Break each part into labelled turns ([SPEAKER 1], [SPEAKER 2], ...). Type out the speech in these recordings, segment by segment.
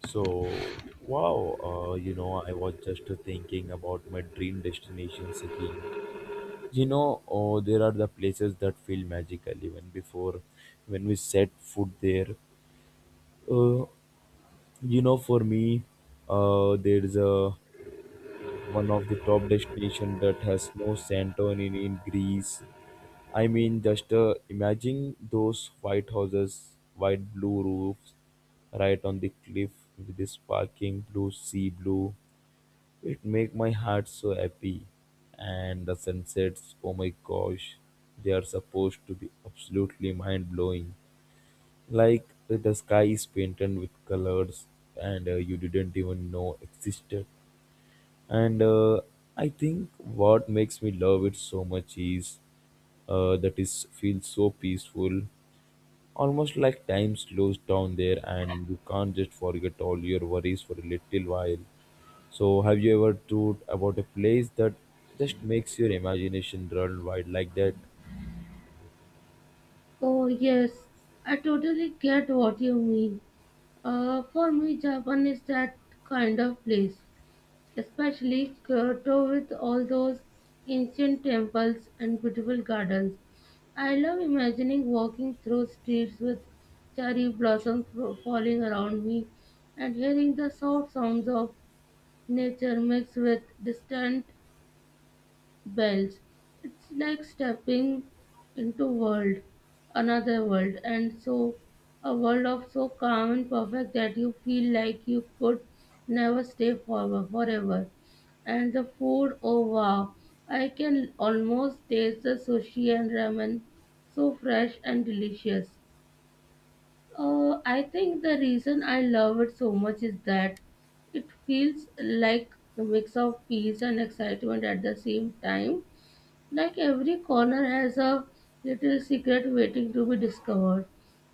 [SPEAKER 1] So, I was just thinking about my dream destinations again. There are the places that feel magical even before when we set foot there. Uh, for me, there is a one of the top destination that has no Santorini in Greece. I mean, just imagine those white houses, white blue roofs, right on the cliff with the sparkling blue sea blue. It make my heart so happy. And the sunsets, oh my gosh, they are supposed to be absolutely mind blowing. Like the sky is painted with colors and you didn't even know existed. And I think what makes me love it so much is that is feels so peaceful, almost like time slows down there and you can't just forget all your worries for a little while. So, have you ever thought about a place that just makes your imagination run wild like that?
[SPEAKER 2] Oh, yes, I totally get what you mean. For me, Japan is that kind of place, especially Kyoto with all those ancient temples and beautiful gardens. I love imagining walking through streets with cherry blossoms falling around me and hearing the soft sounds of nature mixed with distant bells. It's like stepping into world, another world, and so a world of so calm and perfect that you feel like you could never stay forever. And the food, oh wow, I can almost taste the sushi and ramen, so fresh and delicious. I think the reason I love it so much is that it feels like a mix of peace and excitement at the same time, like every corner has a little secret waiting to be discovered.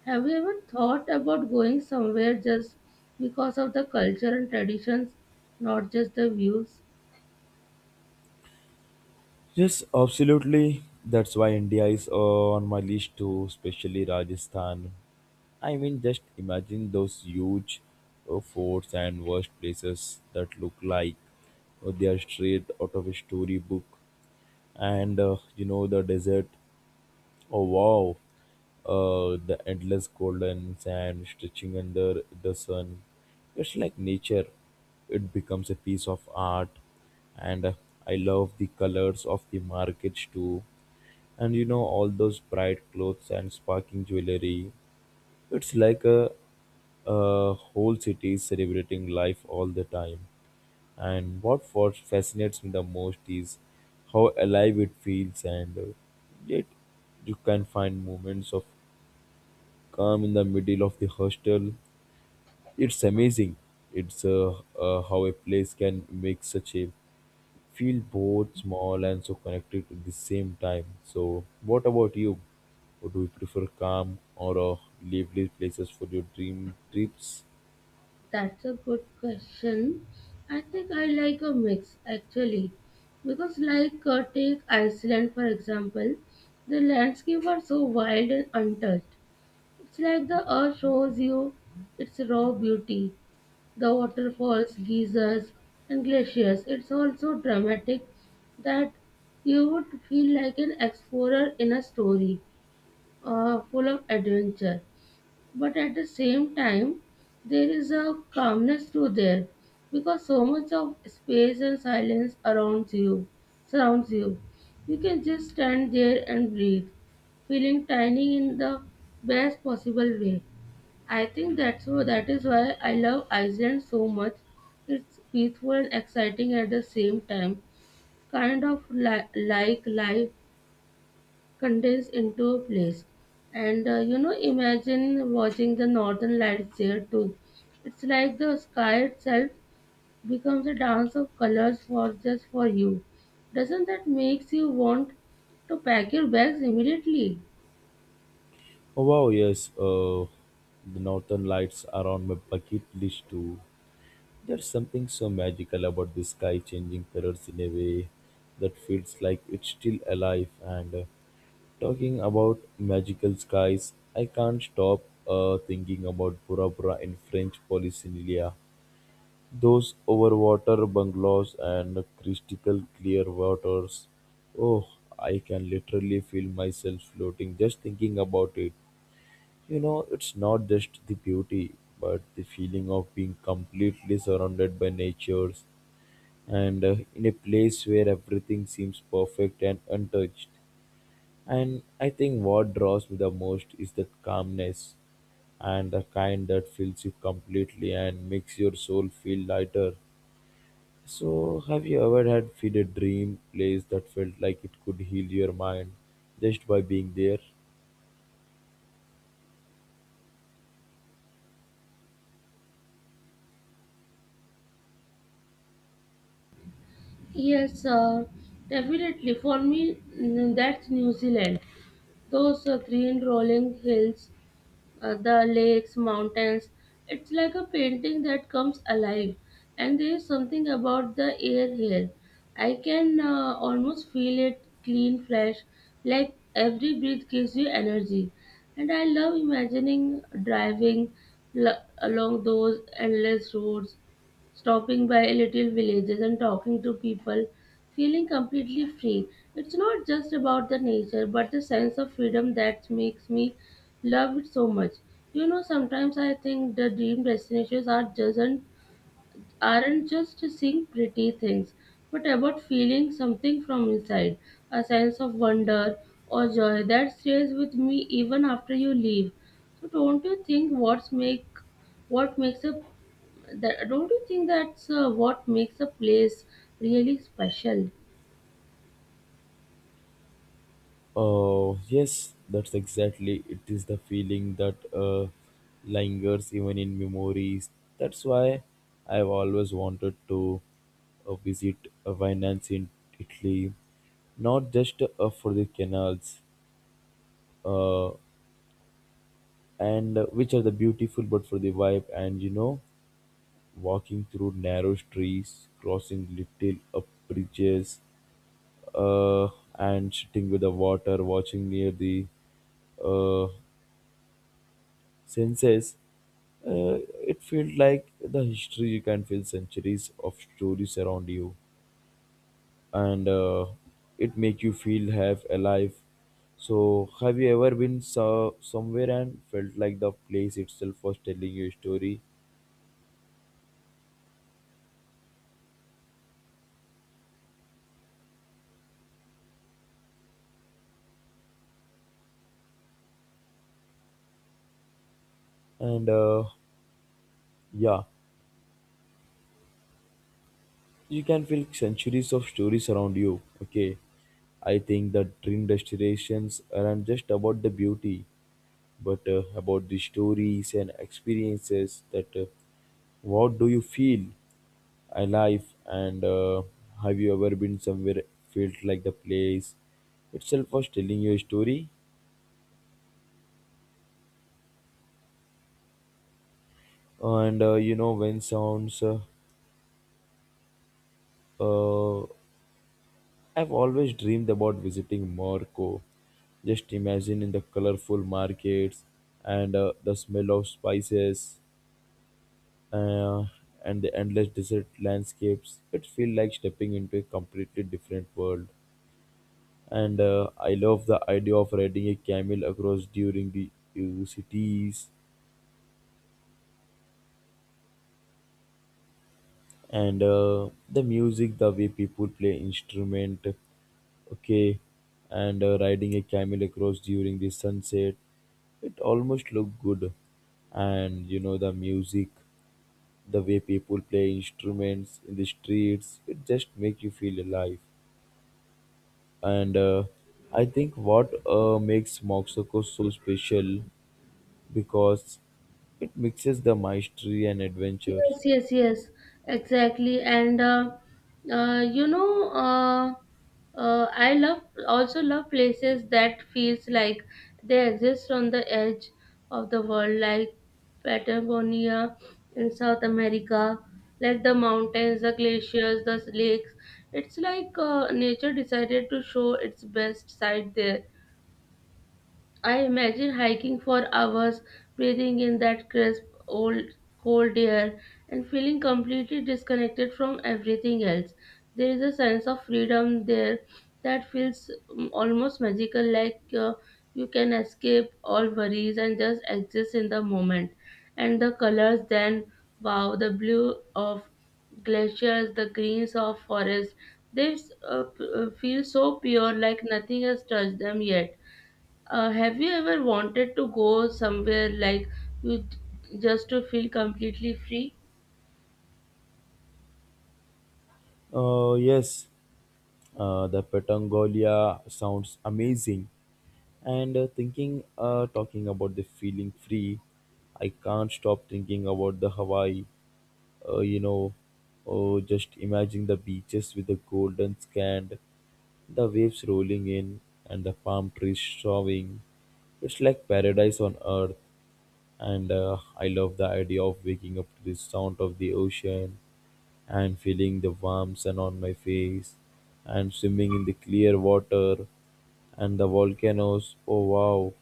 [SPEAKER 2] Have you ever thought about going somewhere just because of the culture and traditions, not just the views?
[SPEAKER 1] Yes, absolutely. That's why India is on my list too, especially Rajasthan. I mean, just imagine those huge forts and worst places that look like they are straight out of a storybook. And you know, the desert. Oh wow, the endless golden sand stretching under the sun. It's like nature. It becomes a piece of art, and I love the colors of the markets too. And you know all those bright clothes and sparkling jewelry. It's like a whole city is celebrating life all the time. And what for fascinates me the most is how alive it feels, and yet you can find moments of calm in the middle of the hostel. It's amazing. It's how a place can make such a feel both small and so connected at the same time. So, what about you? Or do you prefer calm or lively places for your dream trips?
[SPEAKER 2] That's a good question. I think I like a mix, actually. Because, like, take Iceland for example, the landscape are so wild and untouched. It's like the earth shows you its raw beauty, the waterfalls, geysers, and glaciers. It's all so dramatic that you would feel like an explorer in a story full of adventure. But at the same time, there is a calmness to there because so much of space and silence around you surrounds you. You can just stand there and breathe, feeling tiny in the best possible way. I think that is why I love Iceland so much. It's peaceful and exciting at the same time, kind of like life condensed into a place. And you know, imagine watching the northern lights there too. It's like the sky itself becomes a dance of colors for just for you. Doesn't that makes you want to pack your bags immediately?
[SPEAKER 1] Oh wow, yes. The Northern Lights are on my bucket list too. There's something so magical about the sky changing colors in a way that feels like it's still alive. And talking about magical skies, I can't stop thinking about Bora Bora in French Polynesia. Those overwater bungalows and crystal clear waters. Oh, I can literally feel myself floating just thinking about it. You know, it's not just the beauty, but the feeling of being completely surrounded by nature's and in a place where everything seems perfect and untouched. And I think what draws me the most is that calmness and the kind that fills you completely and makes your soul feel lighter. So, have you ever had feel a dream place that felt like it could heal your mind just by being there?
[SPEAKER 2] Yes, definitely. For me, that's New Zealand. Those green rolling hills, the lakes, mountains. It's like a painting that comes alive, and there is something about the air here. I can almost feel it, clean, fresh, like every breath gives you energy. And I love imagining driving along those endless roads, stopping by little villages and talking to people, feeling completely free. It's not just about the nature, but the sense of freedom that makes me love it so much. You know, sometimes I think the dream destinations aren't just seeing pretty things, but about feeling something from inside, a sense of wonder or joy that stays with me even after you leave. So don't you think what's make what makes a that don't you think that's what makes a place really special?
[SPEAKER 1] Oh, yes, that's exactly. It is the feeling that lingers even in memories. That's why I've always wanted to visit Venice in Italy, not just for the canals, uh, and which are the beautiful, but for the vibe. And you know, walking through narrow streets, crossing little bridges, uh, and sitting with the water, watching near the uh, senses, uh, it feels like the history. You can feel centuries of stories around you, and it make you feel half alive. So have you ever been somewhere and felt like the place itself was telling you a story? And yeah, you can feel centuries of stories around you. Okay, I think that dream destinations aren't just about the beauty, but about the stories and experiences that what do you feel alive. And have you ever been somewhere felt like the place itself was telling you a story? And you know when sounds uh, I've always dreamed about visiting Morocco. Just imagine in the colorful markets and the smell of spices uh, and the endless desert landscapes. It feels like stepping into a completely different world. And I love the idea of riding a camel across during the cities. And the music, the way people play instrument, okay, and riding a camel across during the sunset, it almost looked good. And you know the music, the way people play instruments in the streets, it just make you feel alive. And I think what makes moxoko so special because it mixes the mastery and adventure.
[SPEAKER 2] Yes, exactly. And you know, I love also love places that feels like they exist on the edge of the world, like Patagonia in South America, like the mountains, the glaciers, the lakes. It's like nature decided to show its best side there. I imagine hiking for hours, breathing in that crisp, old, cold air, and feeling completely disconnected from everything else. There is a sense of freedom there that feels almost magical, like you can escape all worries and just exist in the moment. And the colors, then, wow, the blue of glaciers, the greens of forests. They feel so pure, like nothing has touched them yet. Have you ever wanted to go somewhere like just to feel completely free?
[SPEAKER 1] Yes, the petangolia sounds amazing. And uh, thinking uh, talking about the feeling free, I can't stop thinking about the Hawaii. uh, you know oh, just imagine the beaches with the golden sand. The waves rolling in and the palm trees showing. It's like paradise on earth. And I love the idea of waking up to the sound of the ocean and feeling the warm sun on my face and swimming in the clear water. And the volcanoes, oh wow,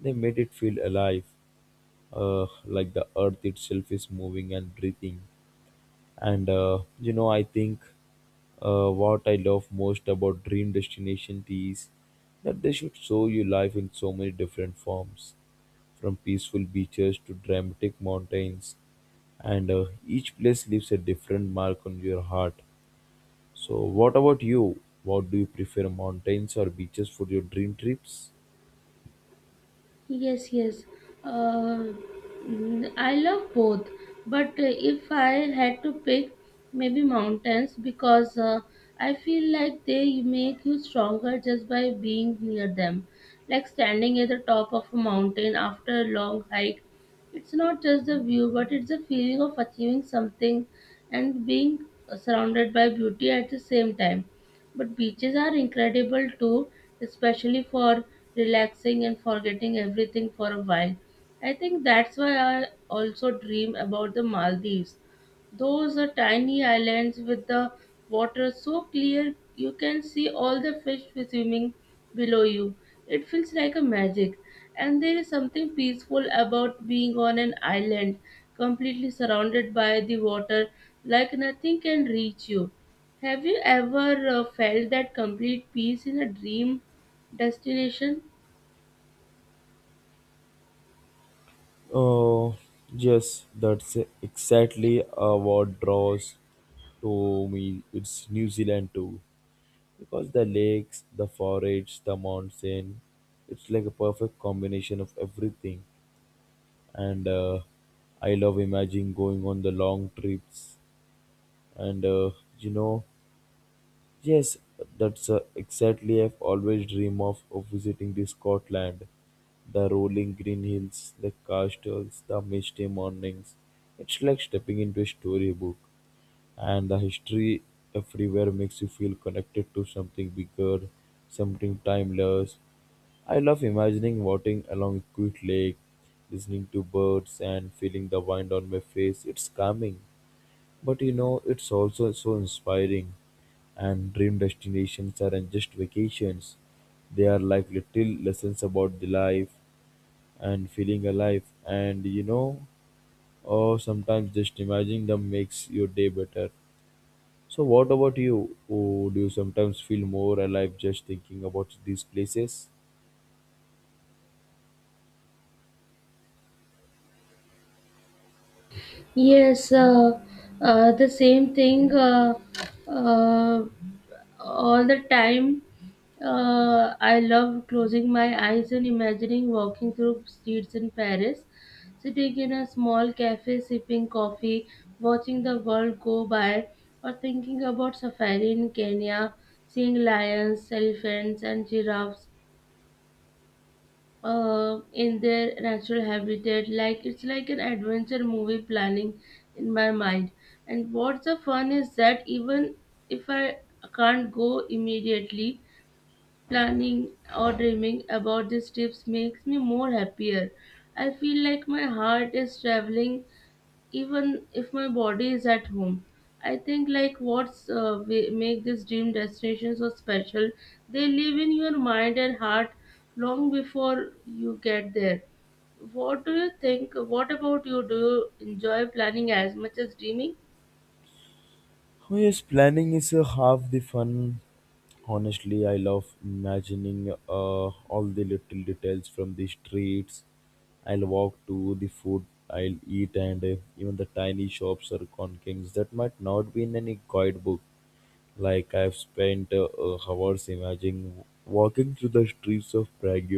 [SPEAKER 1] they made it feel alive, like the earth itself is moving and breathing. And I think what I love most about dream destination is that they should show you life in so many different forms, from peaceful beaches to dramatic mountains, and each place leaves a different mark on your heart. So, what about you? What do you prefer, mountains or beaches for your dream trips?
[SPEAKER 2] Yes. Uh, I love both, but if I had to pick, maybe mountains, because I feel like they make you stronger just by being near them. Like standing at the top of a mountain after a long hike, it's not just the view, but it's the feeling of achieving something and being surrounded by beauty at the same time. But beaches are incredible too, especially for relaxing and forgetting everything for a while. I think that's why I also dream about the Maldives. Those are tiny islands with the water so clear you can see all the fish swimming below you. It feels like a magic. And there is something peaceful about being on an island, completely surrounded by the water, like nothing can reach you. Have you ever felt that complete peace in a dream destination?
[SPEAKER 1] Oh, yes, that's exactly what draws to me. It's New Zealand too, because the lakes, the forests, the mountain, it's like a perfect combination of everything. And I love imagining going on the long trips. And uh, you know, yes, that's exactly I've always dream of visiting the Scotland, the rolling green hills, the castles, the misty mornings. It's like stepping into a storybook, and the history everywhere makes you feel connected to something bigger, something timeless. I love imagining walking along a quiet lake, listening to birds, and feeling the wind on my face. It's calming, but you know, it's also so inspiring. And dream destinations aren't just vacations, they are like little lessons about the life and feeling alive. And you know, or sometimes just imagining them makes your day better. So, what about you? Oh, do you sometimes feel more alive just thinking about these places?
[SPEAKER 2] Yes, the same thing uh, all the time. I love closing my eyes and imagining walking through streets in Paris, sitting in a small cafe, sipping coffee, watching the world go by, or thinking about safari in Kenya, seeing lions, elephants, and giraffes. In their natural habitat. Like it's like an adventure movie planning in my mind. And what's the fun is that even if I can't go immediately, planning or dreaming about these trips makes me more happier. I feel like my heart is traveling even if my body is at home. I think like what's we make this dream destination so special, they live in your mind and heart long before you get there. What about you, do you enjoy planning as much as dreaming?
[SPEAKER 1] Oh, yes, planning is half the fun. Honestly, I love imagining all the little details from the streets. I'll walk to the food I'll eat, and even the tiny shops or conkings that might not be in any guidebook. Like I've spent hours imagining walking through the streets of Prague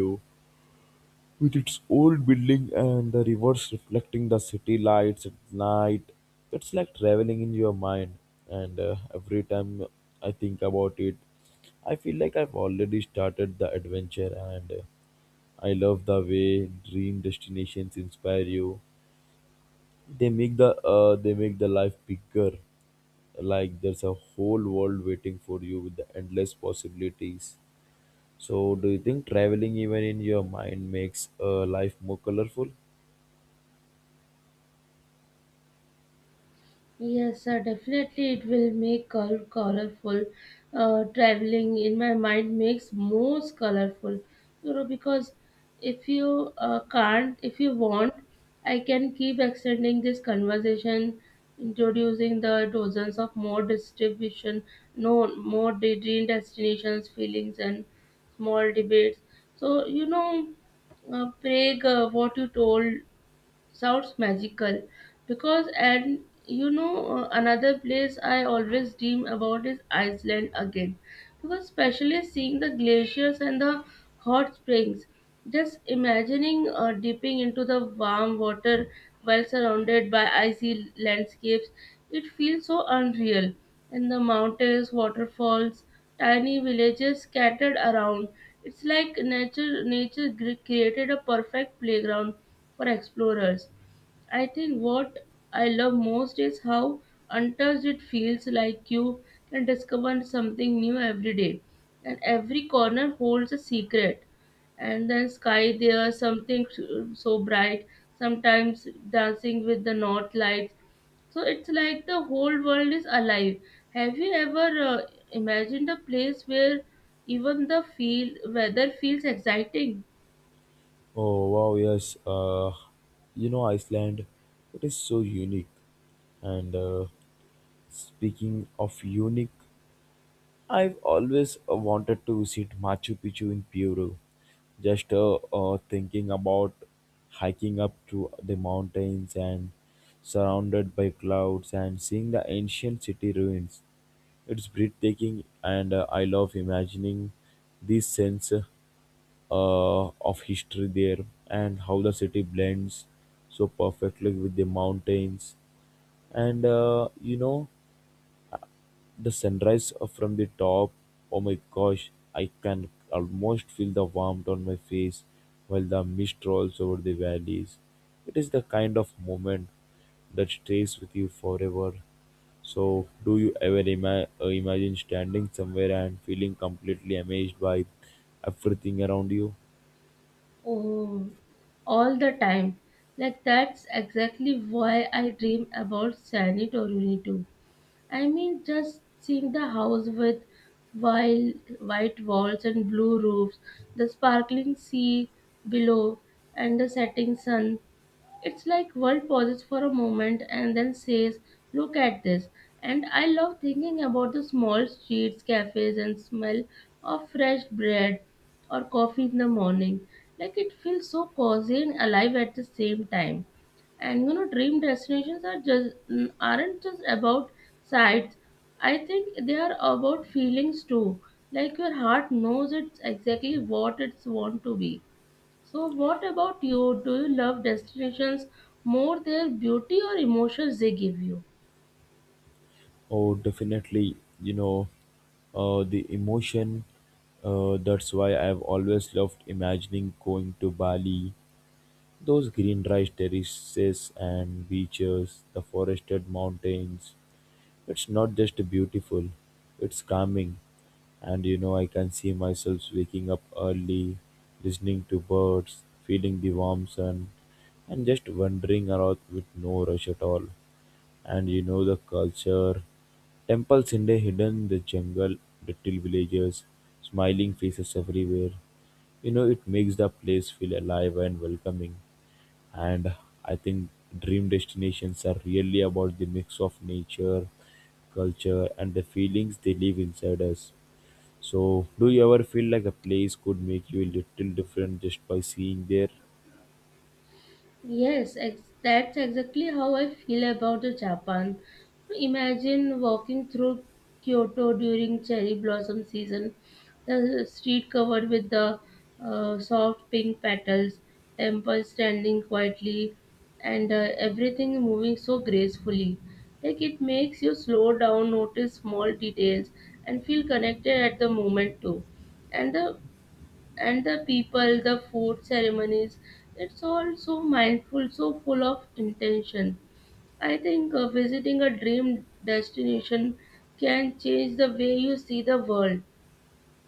[SPEAKER 1] with its old building and the rivers reflecting the city lights at night. It's like traveling in your mind, and every time I think about it, I feel like I've already started the adventure, and I love the way dream destinations inspire you. They make the life bigger, like there's a whole world waiting for you with the endless possibilities. So, do you think traveling even in your mind makes life more colorful?
[SPEAKER 2] Yes, sir, definitely it will make colorful. Traveling in my mind makes most colorful, you know, because if you want, I can keep extending this conversation, introducing the dozens of more distribution, no more de- dream destinations, feelings, and small debates. So, you know, Craig, what you told sounds magical. Because and you know, another place I always dream about is Iceland again, because especially seeing the glaciers and the hot springs. Just imagining dipping into the warm water while surrounded by icy landscapes, it feels so unreal. And the mountains, waterfalls, tiny villages scattered around. It's like nature created a perfect playground for explorers. I think what I love most is how untouched it feels, like you can discover something new every day. And every corner holds a secret. And then sky there, something so so bright, sometimes dancing with the north lights. So it's like the whole world is alive. Have you ever imagined a place where even the feel weather feels exciting?
[SPEAKER 1] Oh wow, yes. You know Iceland, it is so unique. And speaking of unique, I've always wanted to visit Machu Picchu in Peru. Just thinking about hiking up to the mountains and surrounded by clouds and seeing the ancient city ruins. It's breathtaking, and I love imagining these scenes of history there and how the city blends so perfectly with the mountains. And, the sunrise from the top, oh my gosh, I can almost feel the warmth on my face while the mist rolls over the valleys. It is the kind of moment that stays with you forever. So, do you ever imagine standing somewhere and feeling completely amazed by everything around you?
[SPEAKER 2] Oh, all the time. Like that's exactly why I dream about Sanitorini too. I mean, just seeing the house with wild, white walls and blue roofs, the sparkling sea below, and the setting sun. It's like world pauses for a moment and then says, "Look at this." And I love thinking about the small streets, cafes, and smell of fresh bread or coffee in the morning. Like it feels so cozy and alive at the same time. And you know, dream destinations are aren't just about sights. I think they are about feelings too. Like your heart knows it's exactly what it's want to be. So, what about you? Do you love destinations more their beauty or emotions they give you?
[SPEAKER 1] Oh, definitely. You know, the emotion. That's why I've always loved imagining going to Bali. Those green rice terraces and beaches, the forested mountains. It's not just beautiful, it's calming. And you know, I can see myself waking up early, listening to birds, feeling the warm sun, and just wandering around with no rush at all. And you know the culture. Temples in the hidden, the jungle, little villages, smiling faces everywhere. You know, it makes the place feel alive and welcoming. And I think dream destinations are really about the mix of nature, culture, and the feelings they leave inside us. So, do you ever feel like a place could make you a little different just by seeing there?
[SPEAKER 2] Yes, that's exactly how I feel about the Japan. Imagine walking through Kyoto during cherry blossom season, the street covered with the soft pink petals, temples standing quietly, and everything moving so gracefully. Like it makes you slow down, notice small details, and feel connected at the moment too. And the people, the food ceremonies. It's all so mindful, so full of intention. I think visiting a dream destination can change the way you see the world,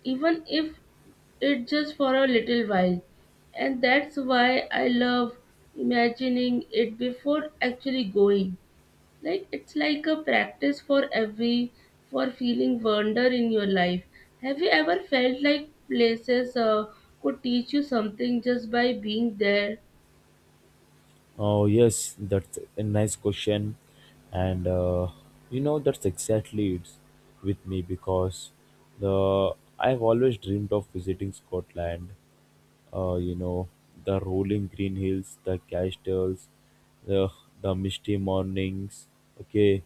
[SPEAKER 2] even if it just for a little while. And that's why I love imagining it before actually going, like it's like a practice for feeling wonder in your life. Have you ever felt like places could teach you something just by being there?
[SPEAKER 1] Oh, yes, that's a nice question. And uh, that's exactly it with me because the I've always dreamed of visiting Scotland. Uh, you know, the rolling green hills, the castles, the the misty mornings. Okay,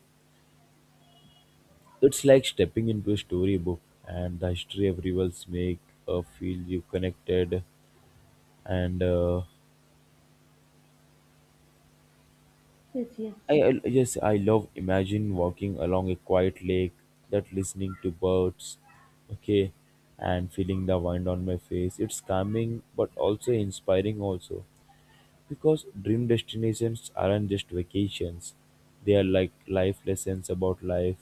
[SPEAKER 1] it's like stepping into a storybook, and the history of rivers make feel you connected and.
[SPEAKER 2] Yes.
[SPEAKER 1] I yes, I love imagine walking along a quiet lake, that listening to birds, okay, and feeling the wind on my face. It's calming but also inspiring also, because dream destinations aren't just vacations; they are like life lessons about life,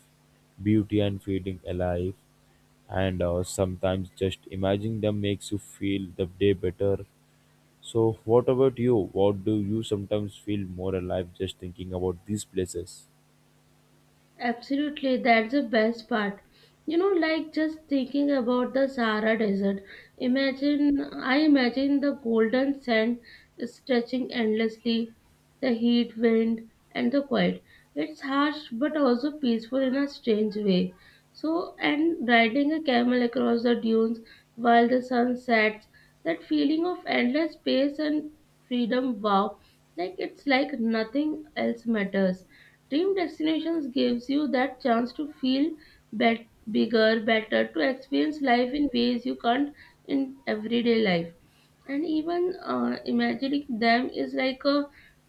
[SPEAKER 1] beauty, and feeling alive. And Sometimes just imagining them makes you feel the day better so, what about you? What do you sometimes feel more alive just thinking about these places?
[SPEAKER 2] Absolutely, that's the best part. You know, like just thinking about the Sahara Desert, imagine I imagine the golden sand stretching endlessly, the heat wind and the quiet. It's harsh but also peaceful in a strange way. And riding a camel across the dunes while the sun sets, that feeling of endless space and freedom, wow, like it's like nothing else matters. Dream destinations gives you that chance to feel bet- bigger, better, to experience life in ways you can't in everyday life. And even imagining them is like a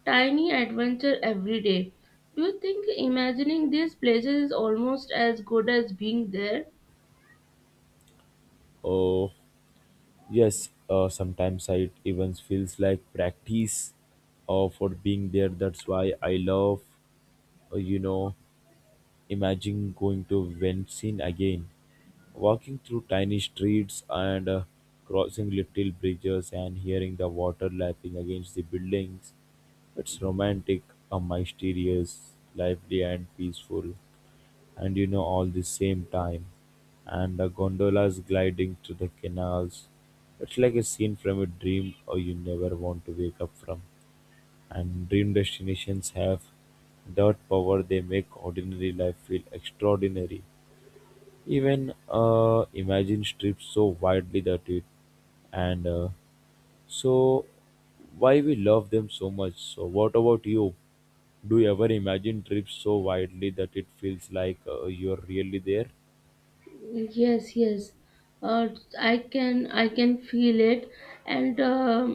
[SPEAKER 2] tiny adventure every day. Do you think imagining these places is almost as good as being there?
[SPEAKER 1] Oh, yes, sometimes it even feels like practice for being there. That's why I love, uh, you know, imagine going to Venice again, walking through tiny streets and crossing little bridges and hearing the water lapping against the buildings. It's romantic, mysterious, lively, and peaceful. And you know all the same time, and the gondolas gliding through the canals. It's like a scene from a dream or you never want to wake up from. And dream destinations have that power, they make ordinary life feel extraordinary. Even imagine strips so widely that it and so why we love them so much. So what about you, do you ever imagine trips so widely that it feels like you're really there?
[SPEAKER 2] Yes. Uh, I can feel it, and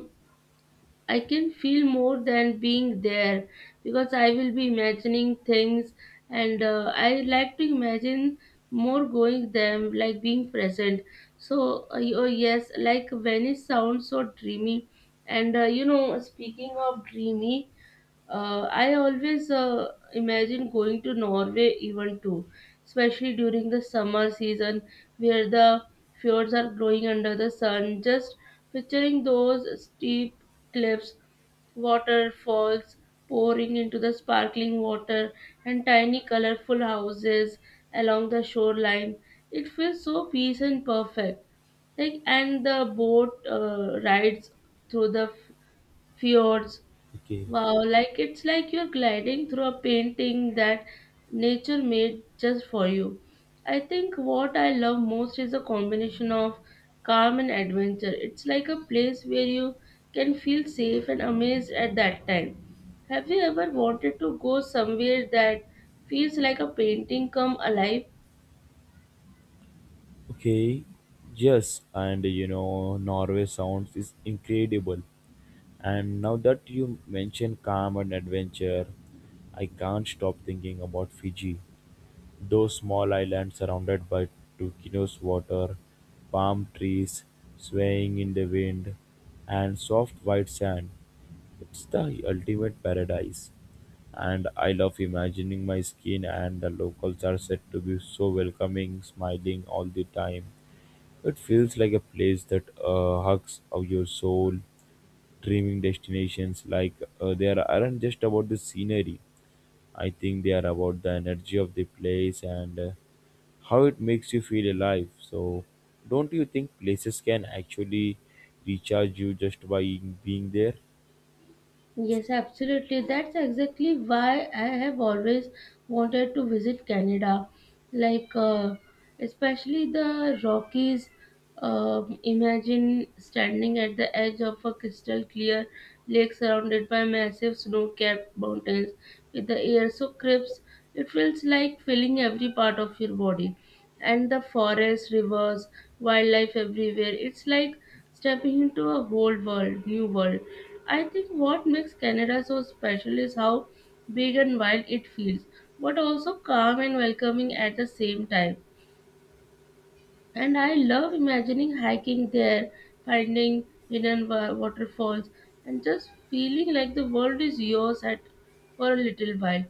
[SPEAKER 2] I can feel more than being there because I will be imagining things, and I like to imagine more going there, like being present. So, oh yes, like Venice sounds so dreamy, and you know, speaking of dreamy, I always imagine going to Norway even too, especially during the summer season where the fjords are glowing under the sun. Just picturing those steep cliffs, waterfalls pouring into the sparkling water, and tiny colorful houses along the shoreline. It feels so peace and perfect. Like and the boat rides through the fjords.
[SPEAKER 1] Okay,
[SPEAKER 2] Wow, like it's like you're gliding through a painting that nature made just for you. I think what I love most is a combination of calm and adventure. It's like a place where you can feel safe and amazed at that time. Have you ever wanted to go somewhere that feels like a painting come alive?
[SPEAKER 1] okay, yes, and you know, Norway sounds is incredible. And now that you mention calm and adventure, I can't stop thinking about Fiji. Those small islands surrounded by turquoise water, palm trees swaying in the wind, and soft white sand. It's the ultimate paradise. And I love imagining my skin, and the locals are said to be so welcoming, smiling all the time. It feels like a place that hugs of your soul. Dreaming destinations like, they are, aren't just about the scenery. I think they are about the energy of the place and how it makes you feel alive. So, don't you think places can actually recharge you just by being there?
[SPEAKER 2] Yes, absolutely. That's exactly why I have always wanted to visit Canada. Like, especially the Rockies. Imagine standing at the edge of a crystal clear lake surrounded by massive snow capped mountains with the air so crisp. It feels like filling every part of your body. And the forests, rivers, wildlife everywhere. It's like stepping into a new world. I think what makes Canada so special is how big and wild it feels, but also calm and welcoming at the same time. And I love imagining hiking there, finding hidden waterfalls, and just feeling like the world is yours at, for a little while.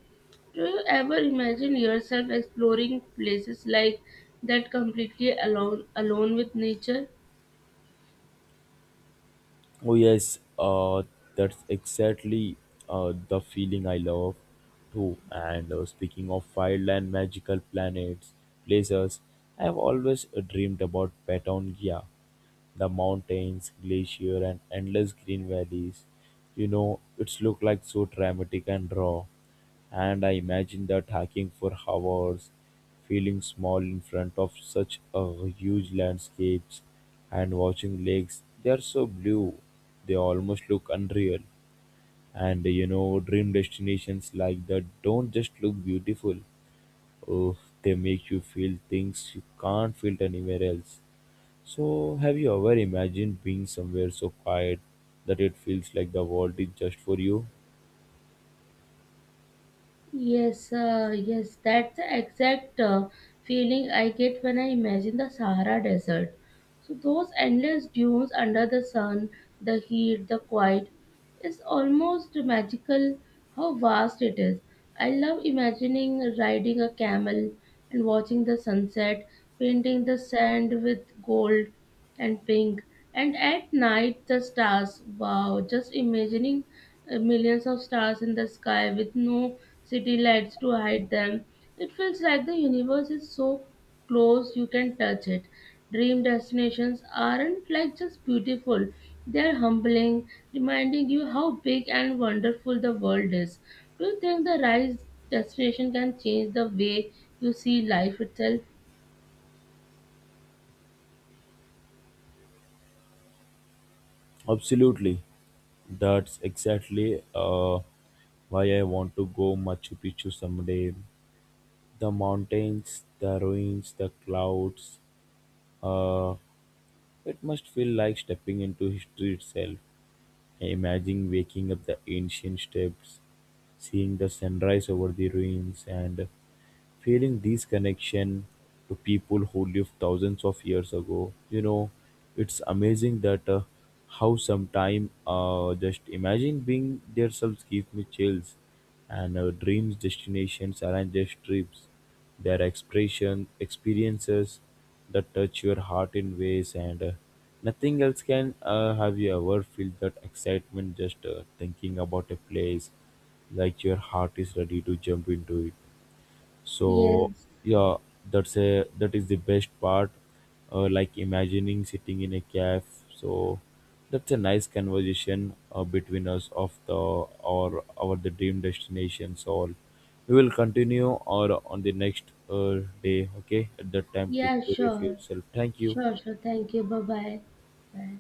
[SPEAKER 2] Do you ever imagine yourself exploring places like that completely alone, alone with nature?
[SPEAKER 1] Oh yes, that's exactly the feeling I love too. And speaking of wild magical planets, places, I have always dreamed about Patagonia. The mountains, glacier, and endless green valleys. You know, it's look like so dramatic and raw. And I imagine that hiking for hours, feeling small in front of such a huge landscapes, and watching lakes. They are so blue, they almost look unreal. And you know, dream destinations like that don't just look beautiful. Oh, they make you feel things you can't feel anywhere else. So, have you ever imagined being somewhere so quiet that it feels like the world is just for you?
[SPEAKER 2] Yes, that's the exact feeling I get when I imagine the Sahara Desert. So, those endless dunes under the sun, the heat, the quiet, it's almost magical how vast it is. I love imagining riding a camel and watching the sunset, painting the sand with gold and pink, and at night the stars. Wow, just imagining millions of stars in the sky with no city lights to hide them. It feels like the universe is so close you can touch it. Dream destinations aren't like just beautiful, they're humbling, reminding you how big and wonderful the world is. Do you think the rise destination can change the way you see life itself?
[SPEAKER 1] Absolutely. That's exactly why I want to go Machu Picchu someday. The mountains, the ruins, the clouds. Uh, it must feel like stepping into history itself. I imagine waking up the ancient steps, seeing the sunrise over the ruins, and feeling this connection to people who lived thousands of years ago. You know, it's amazing that how sometime just imagine being there selves gives me chills, and dreams destinations aren't just trips; they are expression experiences that touch your heart in ways and nothing else can. Have you ever felt that excitement just thinking about a place, like your heart is ready to jump into it? so
[SPEAKER 2] Yes.
[SPEAKER 1] yeah, that is the best part, like imagining sitting in a caf. so that's a nice conversation between us of the or our the dream destinations. All we will continue or on the next day. Okay, at that time take
[SPEAKER 2] Yeah,
[SPEAKER 1] care of
[SPEAKER 2] sure.
[SPEAKER 1] yourself, thank you.
[SPEAKER 2] Sure, sure. Thank you. Bye bye. Bye.